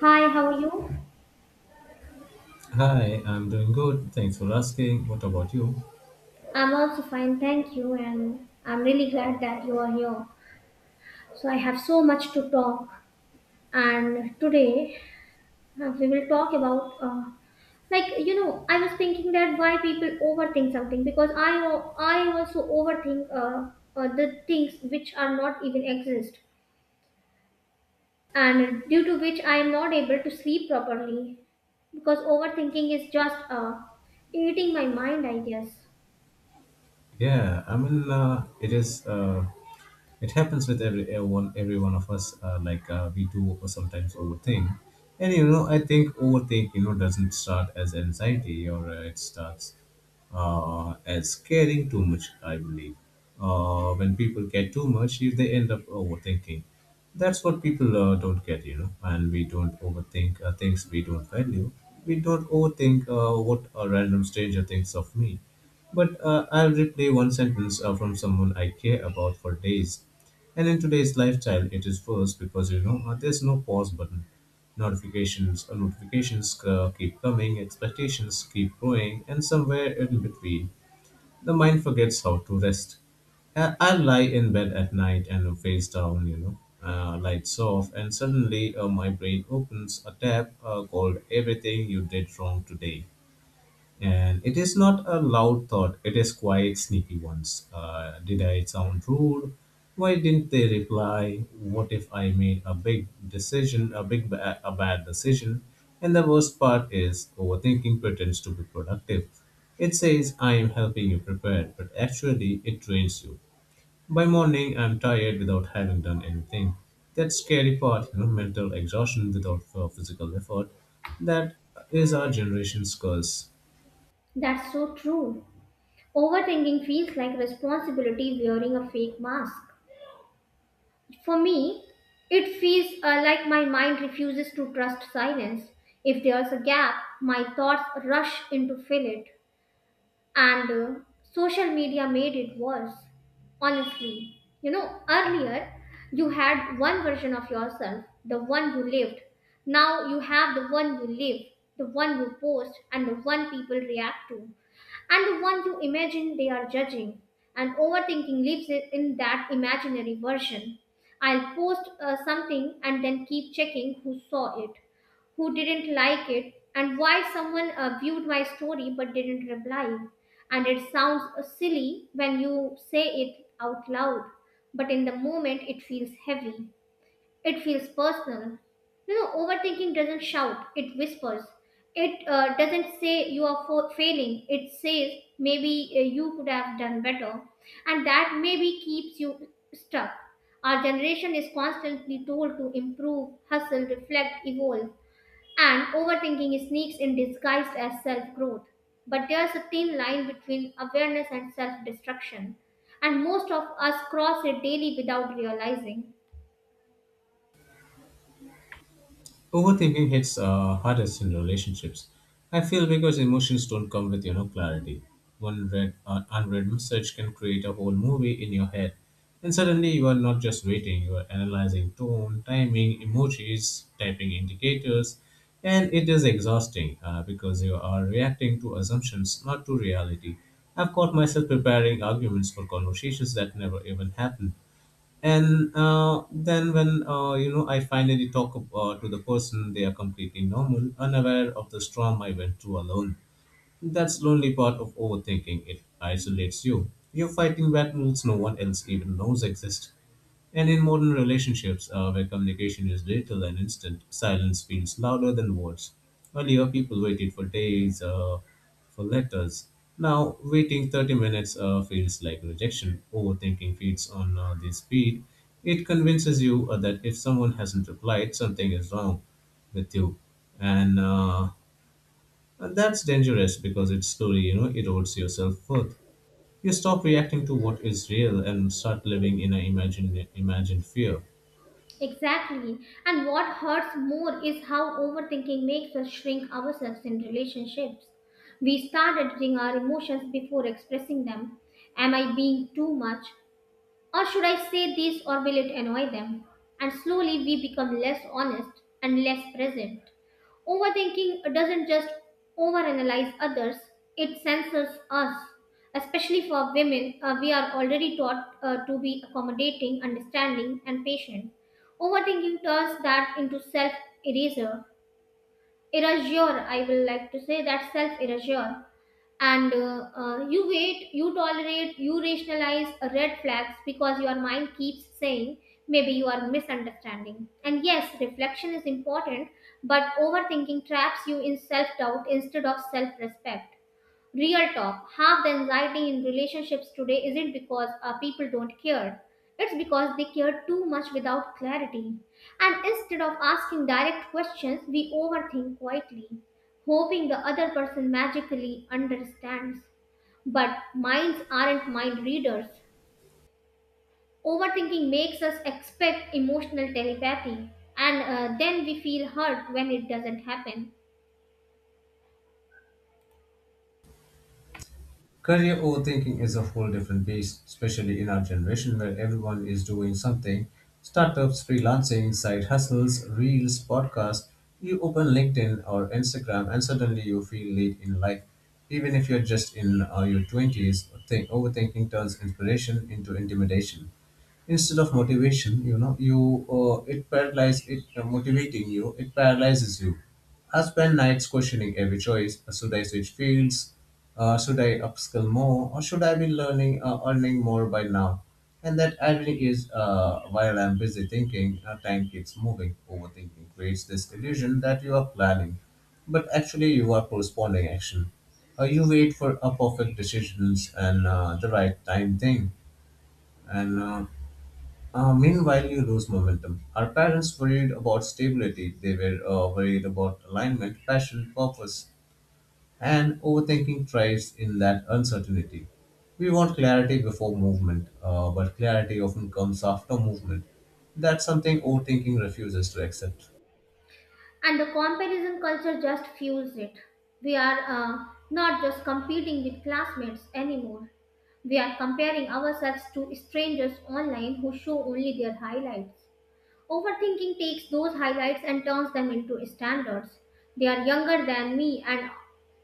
Hi, how are you? Hi, I'm doing good. Thanks for asking. What about you? I'm also fine, thank you, and I'm really glad that you are here. So, I have so much to talk, and today we will talk about like you know, I was thinking that why people overthink something because I also overthink the things which are not even exist, and due to which I am not able to sleep properly because overthinking is just eating my mind, I guess. Yeah, I mean, it is. It happens with everyone, every one of us. Like we do sometimes overthink, and you know, I think overthink, you know, doesn't start as anxiety, or it starts as caring too much, I believe. When people care too much, if they end up overthinking. That's what people don't get, you know. And we don't overthink things we don't value. We don't overthink what a random stranger thinks of me. But I'll replay one sentence from someone I care about for days. And in today's lifestyle, it is worse because, you know, there's no pause button. Notifications or notifications keep coming, expectations keep growing, and somewhere in between, the mind forgets how to rest. I lie in bed at night and face down, you know, lights off, and suddenly my brain opens a tab called Everything You Did Wrong Today. And it is not a loud thought, it is quite sneaky ones. Did I sound rude? Why didn't they reply? What if I made a big decision, a bad decision? And the worst part is overthinking pretends to be productive. It says I am helping you prepare, but actually it drains you. By morning I'm tired without having done anything. That scary part, you know, mental exhaustion without physical effort. That is our generation's curse. That's so true. Overthinking feels like responsibility wearing a fake mask. For me, it feels like my mind refuses to trust silence. If there's a gap, my thoughts rush in to fill it, and social media made it worse, honestly. You know, earlier you had one version of yourself, the one you lived. Now you have the one you live, the one you post, and the one people react to, and the one you imagine they are judging, and overthinking lives in that imaginary version. I'll post something and then keep checking who saw it, who didn't like it, and why someone viewed my story but didn't reply. And it sounds silly when you say it out loud, but in the moment it feels heavy. It feels personal. You know, overthinking doesn't shout, it whispers. It doesn't say you are failing, it says maybe you could have done better. And that maybe keeps you stuck. Our generation is constantly told to improve, hustle, reflect, evolve, and overthinking sneaks in disguised as self growth. But there's a thin line between awareness and self destruction. And most of us cross it daily without realizing. Overthinking hits hardest in relationships. I feel because emotions don't come with you know clarity. One read unread message can create a whole movie in your head, and suddenly you are not just waiting; you are analyzing tone, timing, emojis, typing indicators, and it is exhausting because you are reacting to assumptions, not to reality. I've caught myself preparing arguments for conversations that never even happened and then when you know I finally talk to the person they are completely normal, unaware of the storm I went through alone. That's lonely part of overthinking. It isolates you. You're fighting battles no one else even knows exist. And in modern relationships, where communication is little and instant, silence feels louder than words. Earlier, people waited for days for letters. Now, waiting 30 minutes feels like rejection. Overthinking feeds on the speed. It convinces you that if someone hasn't replied, something is wrong with you. And uh, and that's dangerous because it slowly, you know, erodes your self-worth. You stop reacting to what is real and start living in an imagined fear. Exactly. And what hurts more is how overthinking makes us shrink ourselves in relationships. We start editing our emotions before expressing them. Am I being too much? Or should I say this, or will it annoy them? And slowly we become less honest and less present. Overthinking doesn't just overanalyze others, it censors us. Especially for women, we are already taught to be accommodating, understanding, and patient. Overthinking turns that into self erasure. Erasure, I will like to say that self erasure, and you wait, you tolerate, you rationalize red flags because your mind keeps saying maybe you are misunderstanding, and yes, reflection is important, but overthinking traps you in self doubt instead of self respect. Real talk. Half the anxiety in relationships today isn't because people don't care. It's because they care too much without clarity. And instead of asking direct questions, we overthink quietly, hoping the other person magically understands. But minds aren't mind readers. Overthinking makes us expect emotional telepathy, and then we feel hurt when it doesn't happen. Career overthinking is a whole different beast, especially in our generation where everyone is doing something. Startups, freelancing, side hustles, reels, podcasts. You open LinkedIn or Instagram and suddenly you feel late in life. Even if you're just in your 20s, think, overthinking turns inspiration into intimidation. Instead of motivation you know you it paralyzes you. I spend nights questioning every choice. Should I switch fields, should I upskill more, or should I be learning earning more by now? And that irony is while I'm busy thinking time keeps moving. Overthinking creates this illusion that you are planning, but actually you are postponing action. You wait for a perfect decisions and the right time thing, and meanwhile, you lose momentum. Our parents worried about stability. They were worried about alignment, passion, purpose, and overthinking thrives in that uncertainty. We want clarity before movement, but clarity often comes after movement. That's something overthinking refuses to accept. And the comparison culture just fuels it. We are not just competing with classmates anymore. We are comparing ourselves to strangers online who show only their highlights. Overthinking takes those highlights and turns them into standards. They are younger than me and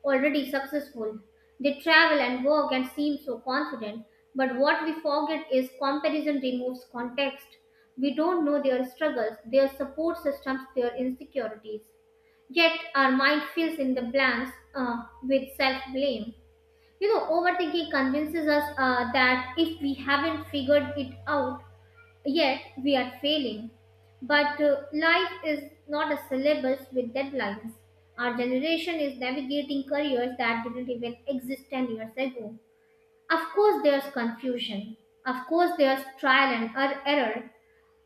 already successful. They travel and work and seem so confident. But what we forget is comparison removes context. We don't know their struggles, their support systems, their insecurities. Yet our mind fills in the blanks with self blame. You know, overthinking convinces us that if we haven't figured it out yet, we are failing. But life is not a syllabus with deadlines. Our generation is navigating careers that didn't even exist 10 years ago. Of course, there's confusion. Of course, there's trial and error.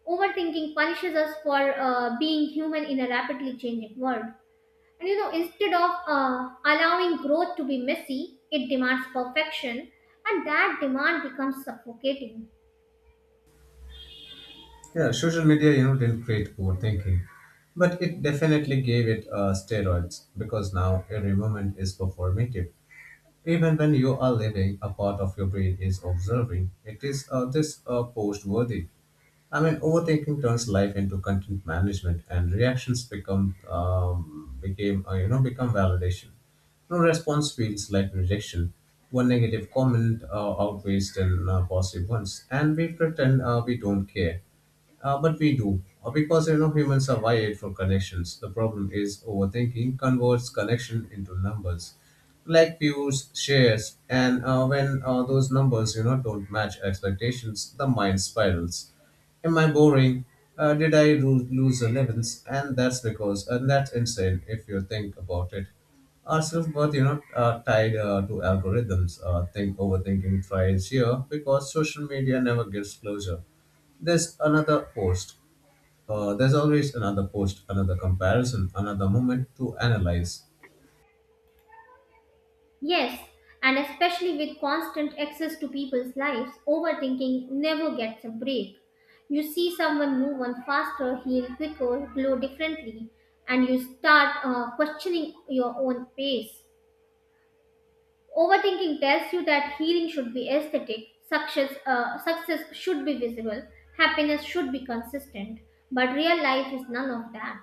Overthinking punishes us for being human in a rapidly changing world. And you know, instead of allowing growth to be messy, it demands perfection, and that demand becomes suffocating. Yeah, social media, you know, didn't create overthinking, but it definitely gave it steroids because now every moment is performative. Even when you are living, a part of your brain is observing. It is this post worthy. I mean, overthinking turns life into content management, and reactions become became you know become validation. No response feels like rejection. One negative comment outweighs ten positive ones, and we pretend we don't care, but we do. Because you know humans are wired for connections. The problem is overthinking converts connection into numbers like views, shares, and when those numbers you know don't match expectations, the mind spirals. Am I boring? Did lose 11s? And that's insane if you think about it. Our self worth, you know, tied to algorithms. Think overthinking thrives here because social media never gives closure. There's another post. There's always another post, another comparison, another moment to analyze. Yes, and especially with constant access to people's lives, overthinking never gets a break. You see someone move on faster, heal quicker, glow differently, and you start questioning your own pace. Overthinking tells you that healing should be aesthetic, success, success should be visible, happiness should be consistent, but real life is none of that.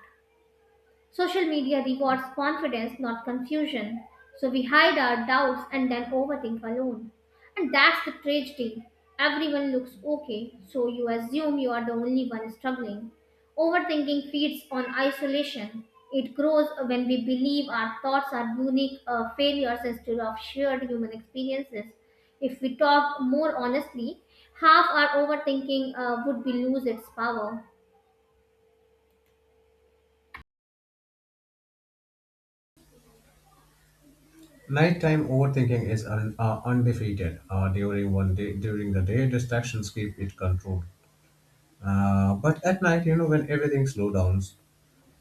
Social media rewards confidence, not confusion. So we hide our doubts and then overthink alone. And that's the tragedy. Everyone looks okay, so you assume you are the only one struggling. Overthinking feeds on isolation. It grows when we believe our thoughts are unique failures instead of shared human experiences. If we talked more honestly, half our overthinking would be lose its power. Nighttime overthinking is undefeated. During the day, distractions keep it controlled. But at night, you know, when everything slows down,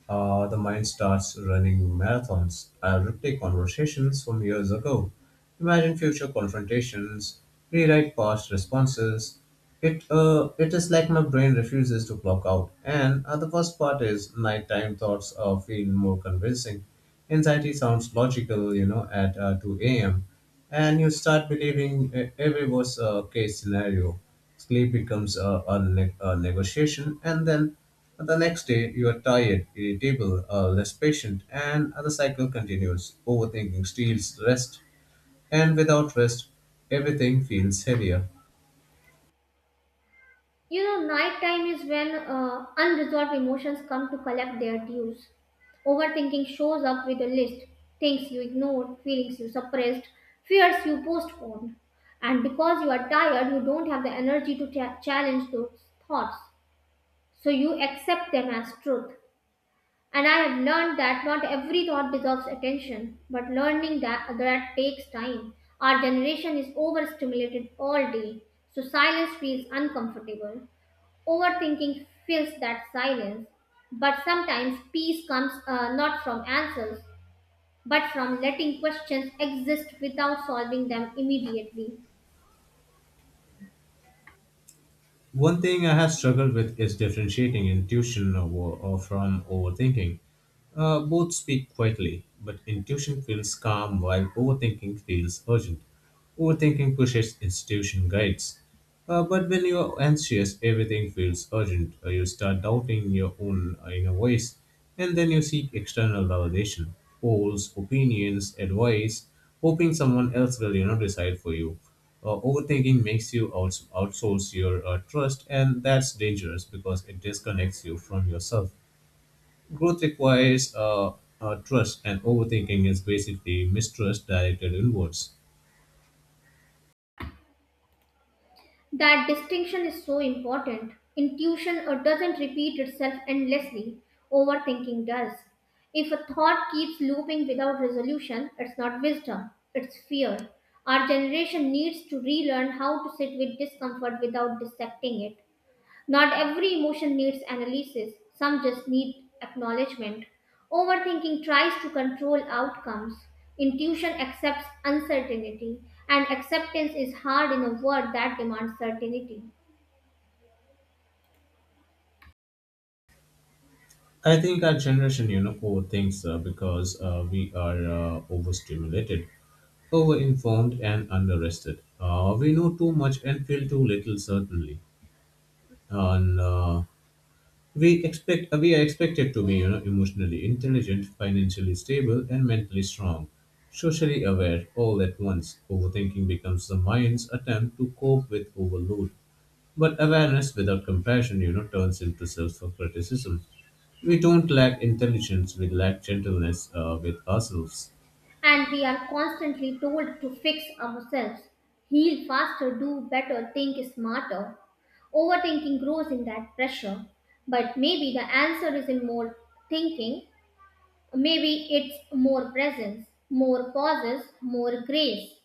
the mind starts running marathons. I replay conversations from years ago, imagine future confrontations, rewrite past responses. It is like my brain refuses to clock out. And the worst part is nighttime thoughts feel more convincing. Anxiety sounds logical, you know, at 2 a.m. And you start believing every worst case scenario. Sleep becomes a negotiation, and then the next day you are tired, irritable, less patient, and the cycle continues. Overthinking steals rest, and without rest, everything feels heavier. You know, nighttime is when unresolved emotions come to collect their dues. Overthinking shows up with a list: things you ignored, feelings you suppressed, fears you postponed. And because you are tired, you don't have the energy to challenge those thoughts. So you accept them as truth. And I have learned that not every thought deserves attention, but learning that that takes time. Our generation is overstimulated all day, so silence feels uncomfortable. Overthinking fills that silence, but sometimes peace comes not from answers, but from letting questions exist without solving them immediately. One thing I have struggled with is differentiating intuition or from overthinking. Both speak quietly, but intuition feels calm while overthinking feels urgent. Overthinking pushes institution guides. But when you're anxious, everything feels urgent. You start doubting your own inner voice, and then you seek external validation, polls, opinions, advice, hoping someone else will, you know, decide for you. Overthinking makes you outsource your trust, and that's dangerous because it disconnects you from yourself. Growth requires trust, and overthinking is basically mistrust directed inwards. That distinction is so important. Intuition doesn't repeat itself endlessly, overthinking does. If a thought keeps looping without resolution, it's not wisdom, it's fear. Our generation needs to relearn how to sit with discomfort without dissecting it. Not every emotion needs analysis, some just need acknowledgement. Overthinking tries to control outcomes. Intuition accepts uncertainty, and acceptance is hard in a world that demands certainty. I think our generation, you know, overthinks because we are overstimulated, overinformed, and underrested. We know too much and feel too little, certainly, and we are expected to be, you know, emotionally intelligent, financially stable, and mentally strong, socially aware, all at once. Overthinking becomes the mind's attempt to cope with overload, but awareness without compassion, you know, turns into self-criticism. We don't lack intelligence, we lack gentleness with ourselves. And we are constantly told to fix ourselves, heal faster, do better, think smarter. Overthinking grows in that pressure. But maybe the answer is in more thinking. Maybe it's more presence, more pauses, more grace.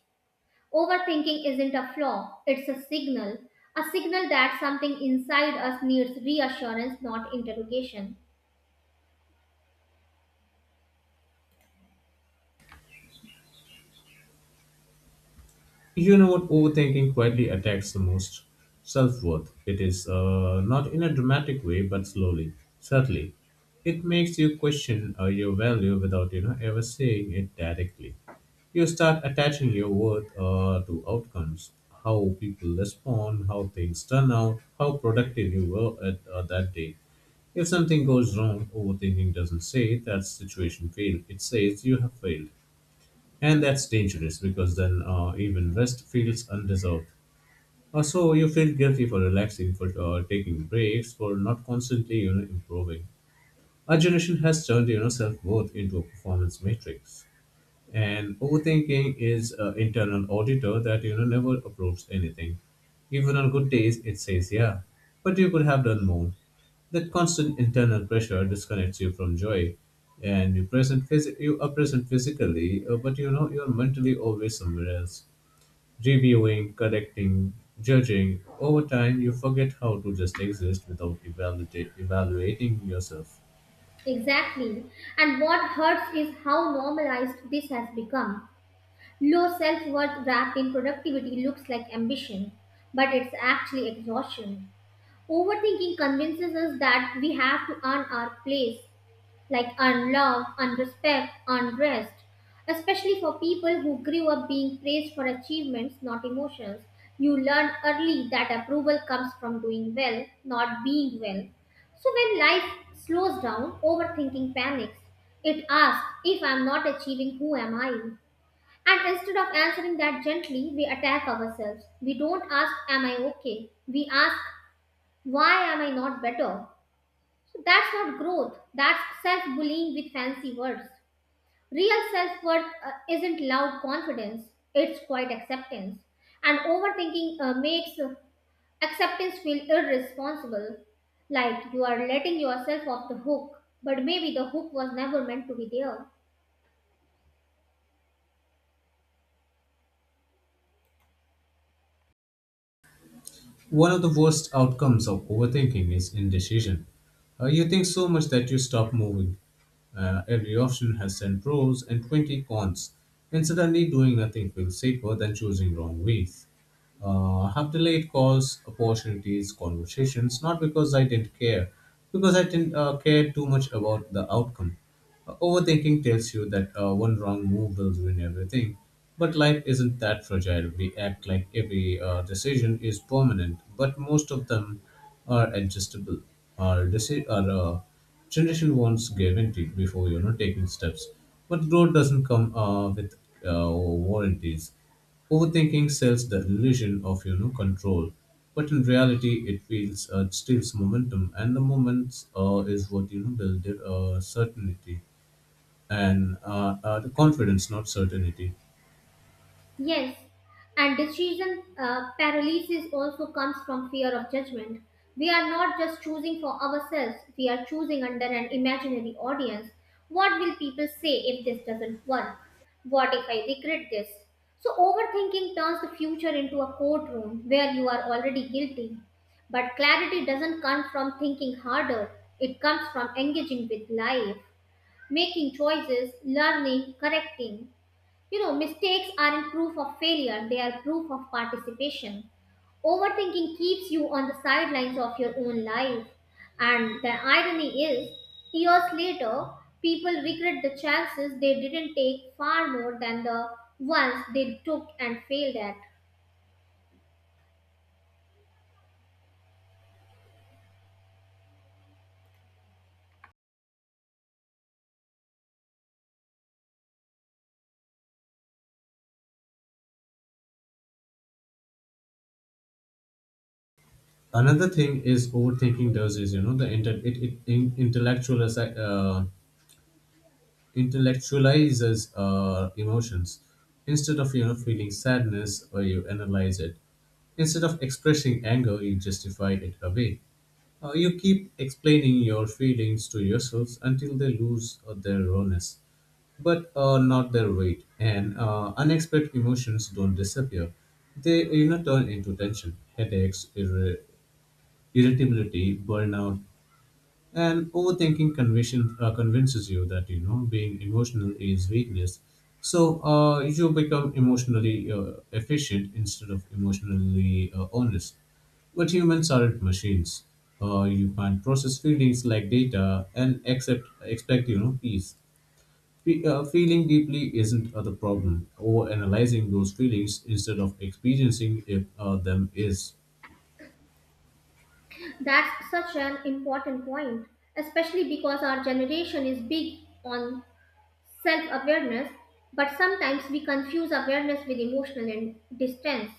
Overthinking isn't a flaw, it's a signal. A signal that something inside us needs reassurance, not interrogation. You know what overthinking quietly attacks the most? Self worth. It is not in a dramatic way, but slowly, subtly. It makes you question your value without you know ever saying it directly. You start attaching your worth to outcomes, how people respond, how things turn out, how productive you were at that day. If something goes wrong, overthinking doesn't say that situation failed. It says you have failed. And that's dangerous because then even rest feels undeserved. So you feel guilty for relaxing, for taking breaks, for not constantly you know, improving. Our generation has turned you know, self worth into a performance matrix. And overthinking is an internal auditor that you know never approves anything. Even on good days, it says, yeah, but you could have done more. That constant internal pressure disconnects you from joy, and you you are present physically, but you know you're mentally always somewhere else, reviewing, correcting, judging. Over time, you forget how to just exist without evaluating yourself. Exactly. And what hurts is how normalized this has become. Low self worth wrapped in productivity looks like ambition, but it's actually exhaustion. Overthinking convinces us that we have to earn our place, like unlove, unrespect, unrest, especially for people who grew up being praised for achievements, not emotions. You learn early that approval comes from doing well, not being well. So when life slows down, overthinking panics. It asks, if I'm not achieving, who am I? And instead of answering that gently, we attack ourselves. We don't ask, am I okay? We ask, why am I not better? So that's not growth, that's self bullying with fancy words. Real self worth isn't loud confidence, it's quiet acceptance. And overthinking makes acceptance feel irresponsible, like you are letting yourself off the hook, but maybe the hook was never meant to be there. One of the worst outcomes of overthinking is indecision. You think so much that you stop moving. Every option has 10 pros and 20 cons, and suddenly doing nothing feels safer than choosing wrong ways. Have delayed calls, opportunities, conversations, not because I didn't care, because I didn't care too much about the outcome. Overthinking tells you that one wrong move will ruin everything. But life isn't that fragile. We act like every decision is permanent, but most of them are adjustable. Our uh, generation wants guaranteed before you know taking steps, but growth doesn't come with warranties. Overthinking sells the illusion of you know control, but in reality, it feels it steals momentum, and the moments is what you know builds it, certainty and the confidence, not certainty. Yes, and decision paralysis also comes from fear of judgment. We are not just choosing for ourselves, we are choosing under an imaginary audience. What will people say if this doesn't work? What if I regret this? So, overthinking turns the future into a courtroom where you are already guilty. But clarity doesn't come from thinking harder, it comes from engaging with life, making choices, learning, correcting. You know, mistakes aren't proof of failure, they are proof of participation. Overthinking keeps you on the sidelines of your own life. And the irony is, years later, people regret the chances they didn't take far more than the ones they took and failed at. Another thing is overthinking does is you know the inter- it in- intellectual assi- intellectualizes our emotions instead of you know feeling sadness, or you analyze it instead of expressing anger, you justify it away. You keep explaining your feelings to yourselves until they lose their rawness, but not their weight, and unexpected emotions don't disappear, they you know turn into tension, headaches, irritability, burnout, and overthinking convinces you that you know being emotional is weakness. So you become emotionally efficient instead of emotionally honest. But humans aren't machines. You can't process feelings like data and accept expect peace. Feeling deeply isn't the problem. Over analyzing those feelings instead of experiencing if, them is. That's such an important point, especially because our generation is big on self awareness, but sometimes we confuse awareness with emotional and distance.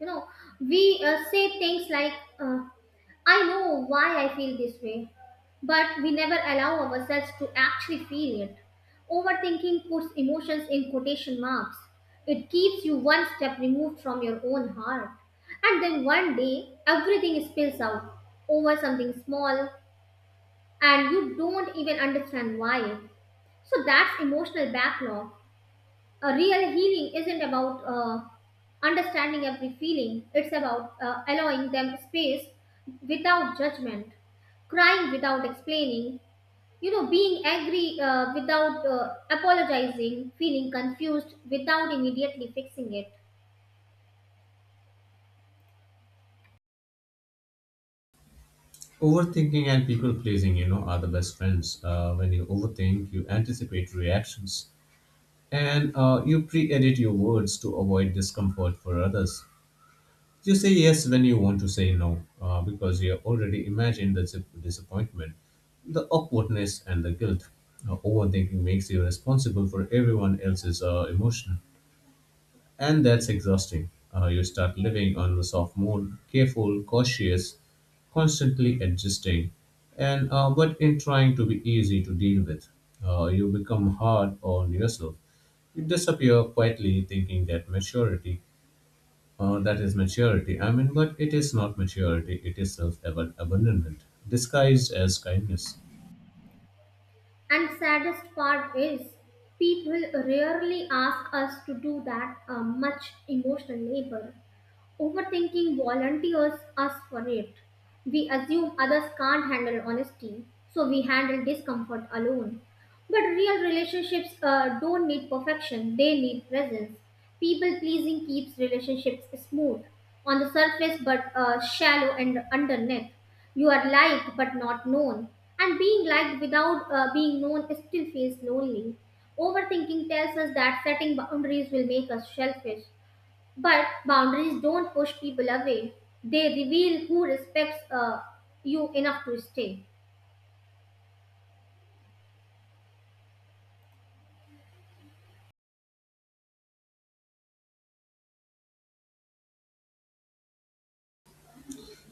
You know, we say things like, uh, I know why I feel this way, but we never allow ourselves to actually feel it. Overthinking puts emotions in quotation marks. It keeps you one step removed from your own heart. And then one day, everything spills out over something small, and you don't even understand why. So that's emotional backlog. A real healing isn't about understanding every feeling, it's about allowing them space without judgment, crying without explaining, you know, being angry without apologizing, feeling confused without immediately fixing it. Overthinking and people pleasing, you know, are the best friends. When you overthink, you anticipate reactions and you pre edit your words to avoid discomfort for others. You say yes when you want to say no because you have already imagined the disappointment, the awkwardness, and the guilt. Overthinking makes you responsible for everyone else's emotion. And that's exhausting. You start living on the soft mode, careful, cautious, constantly adjusting, and but in trying to be easy to deal with, you become hard on yourself. You disappear quietly, thinking that maturity, that is maturity. I mean, but it is not maturity. It is self-abandonment disguised as kindness. And saddest part is people rarely ask us to do that much emotional labor. Overthinking volunteers us for it. We assume others can't handle honesty, so we handle discomfort alone. But real relationships don't need perfection, they need presence. People pleasing keeps relationships smooth on the surface but shallow and underneath. You are liked but not known, and being liked without being known still feels lonely. Overthinking tells us that setting boundaries will make us selfish, but boundaries don't push people away. They reveal who respects you enough to stay.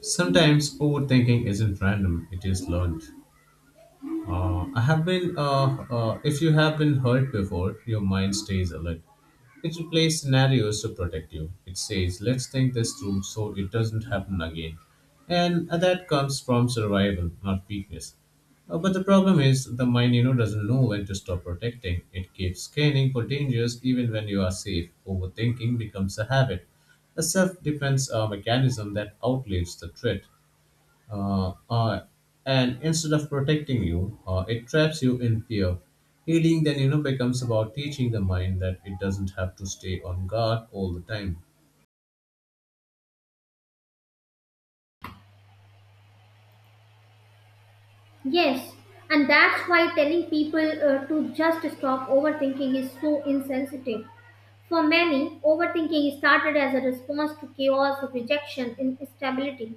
Sometimes overthinking isn't random; it is learned. If you have been hurt before, your mind stays alert. It replays scenarios to protect you. It says, let's think this through so it doesn't happen again. And that comes from survival, not weakness. But the problem is, the mind, you know, doesn't know when to stop protecting. It keeps scanning for dangers even when you are safe. Overthinking becomes a habit, a self defense mechanism that outlives the threat uh, uh, and instead of protecting you, it traps you in fear. Healing then becomes about teaching the mind that it doesn't have to stay on guard all the time. Yes, and that's why telling people to just stop overthinking is so insensitive. For many, overthinking started as a response to chaos of rejection and instability.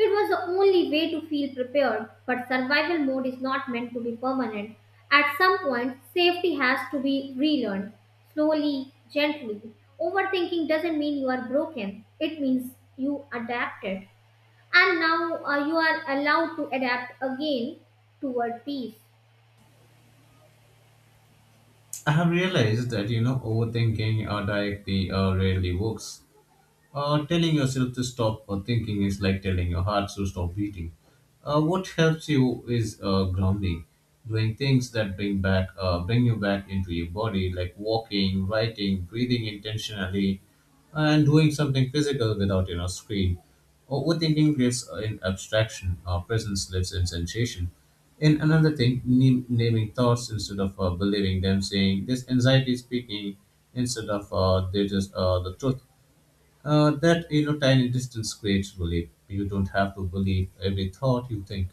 It was the only way to feel prepared, but survival mode is not meant to be permanent. At some point, safety has to be relearned, slowly, gently. Overthinking doesn't mean you are broken, it means you adapted. And now you are allowed to adapt again toward peace. I have realized that overthinking directly rarely works. Telling yourself to stop thinking is like telling your heart to stop beating. What helps you is grounding, doing things that bring back, bring you back into your body, like walking, writing, breathing intentionally, and doing something physical without screen. Overthinking lives in abstraction. Our presence lives in sensation. In another thing, naming thoughts instead of believing them, saying this anxiety is speaking instead of they just the truth. That you know, tiny distance creates relief. You don't have to believe every thought you think.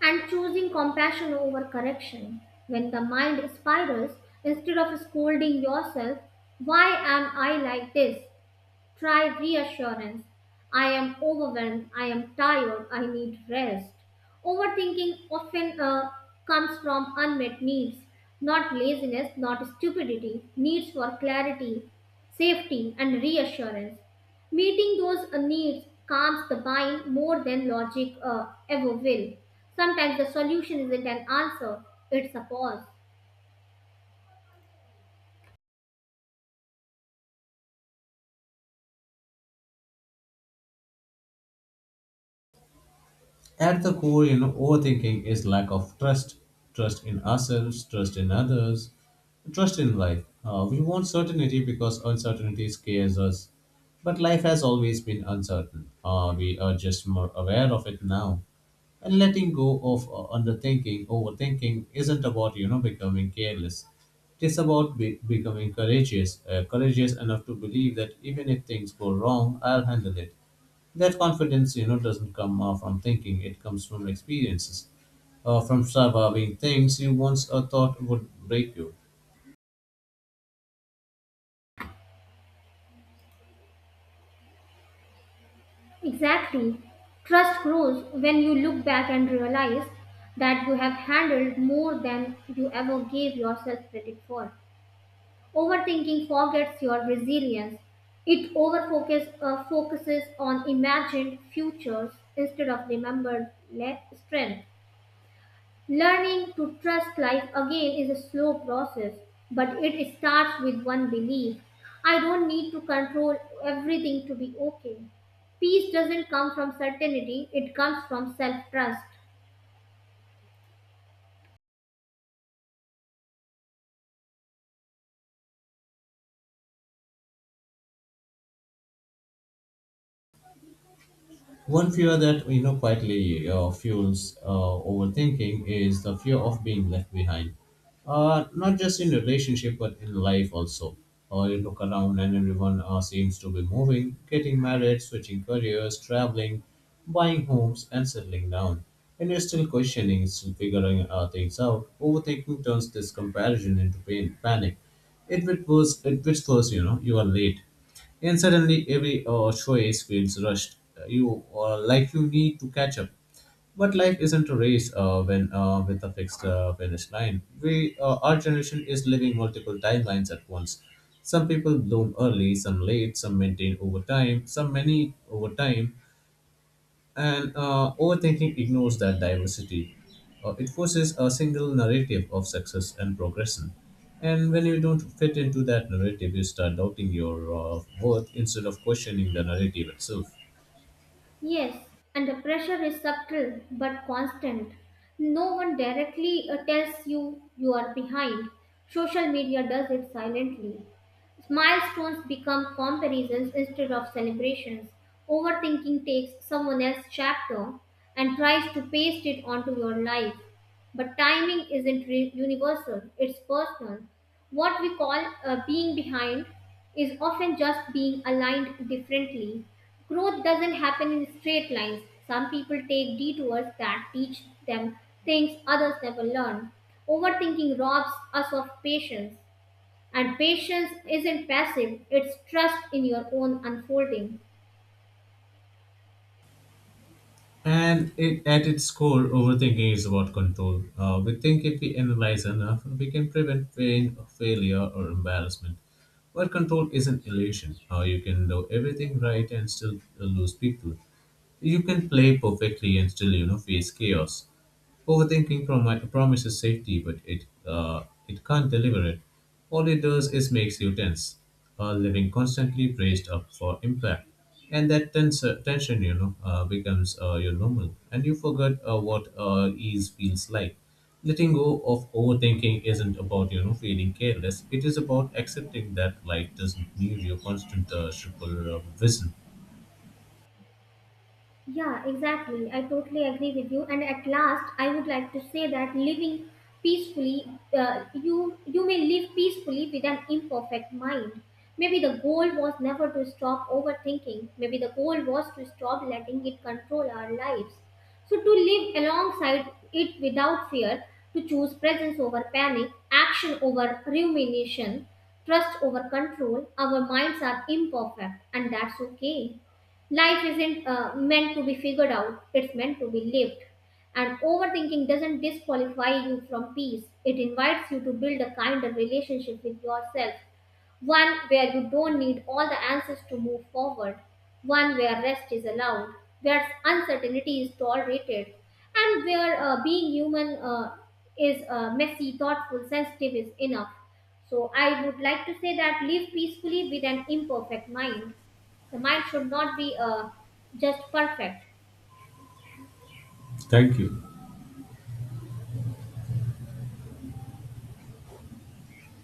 And choosing compassion over correction. When the mind spirals, instead of scolding yourself, why am I like this? Try reassurance. I am overwhelmed. I am tired. I need rest. Overthinking often comes from unmet needs, not laziness, not stupidity, needs for clarity, safety, and reassurance. Meeting those needs calms the mind more than logic ever will. Sometimes the solution isn't an answer, it's a pause. At the core, you know, overthinking is lack of trust, trust in ourselves, trust in others, trust in life. We want certainty because uncertainty scares us. But life has always been uncertain. We are just more aware of it now. And letting go of overthinking isn't about becoming careless. It's about becoming courageous, courageous enough to believe that even if things go wrong, I'll handle it. That confidence, you know, doesn't come from thinking; it comes from experiences, from surviving things you once thought would break you. Exactly. Trust grows when you look back and realize that you have handled more than you ever gave yourself credit for. Overthinking forgets your resilience. It overfocus focuses on imagined futures instead of remembered strength. Learning to trust life again is a slow process, but it starts with one belief: I don't need to control everything to be okay. Peace doesn't come from certainty, it comes from self trust. One fear that quietly fuels overthinking is the fear of being left behind, not just in relationship but in life also. You look around and everyone seems to be moving, getting married, switching careers, traveling, buying homes, and settling down. And you're still questioning, still figuring things out. Overthinking turns this comparison into pain, panic. It whispers, you know, you are late and suddenly every choice feels rushed. You like you need to catch up. But life isn't a race when with a fixed finish line. We our generation is living multiple timelines at once. Some people bloom early, some late, some maintain over time, some many over time, and overthinking ignores that diversity. It forces a single narrative of success and progression. And when you don't fit into that narrative, you start doubting your worth instead of questioning the narrative itself. Yes, and the pressure is subtle but constant. No one directly tells you you are behind. Social media does it silently. Milestones become comparisons instead of celebrations. Overthinking takes someone else's chapter and tries to paste it onto your life. But timing isn't universal, it's personal. What we call being behind is often just being aligned differently. Growth doesn't happen in straight lines. Some people take detours that teach them things others never learn. Overthinking robs us of patience, and patience isn't passive, it's trust in your own unfolding. And it, at its core, overthinking is about control. We think if we analyze enough, we can prevent pain, failure, or embarrassment. But control is an illusion. You can do everything right and still lose people. You can play perfectly and still, you know, face chaos. Overthinking promises safety, but it can't deliver it. All it does is makes you tense, living constantly braced up for impact, and that tension, you know, becomes your normal, and you forget what ease feels like. Letting go of overthinking isn't about feeling careless. It is about accepting that life doesn't need your constant triple vision. Yeah, exactly. I totally agree with you. And at last, I would like to say that living peacefully, you may live peacefully with an imperfect mind. Maybe the goal was never to stop overthinking. Maybe the goal was to stop letting it control our lives. So to live alongside it without fear, to choose presence over panic, action over rumination, trust over control. Our minds are imperfect, and that's okay. Life isn't meant to be figured out, it's meant to be lived. And overthinking doesn't disqualify you from peace, it invites you to build a kinder relationship with yourself, one where you don't need all the answers to move forward, one where rest is allowed, where uncertainty is tolerated, and where being human is messy, thoughtful, sensitive is enough. So, I would like to say that live peacefully with an imperfect mind. The mind should not be just perfect. Thank you.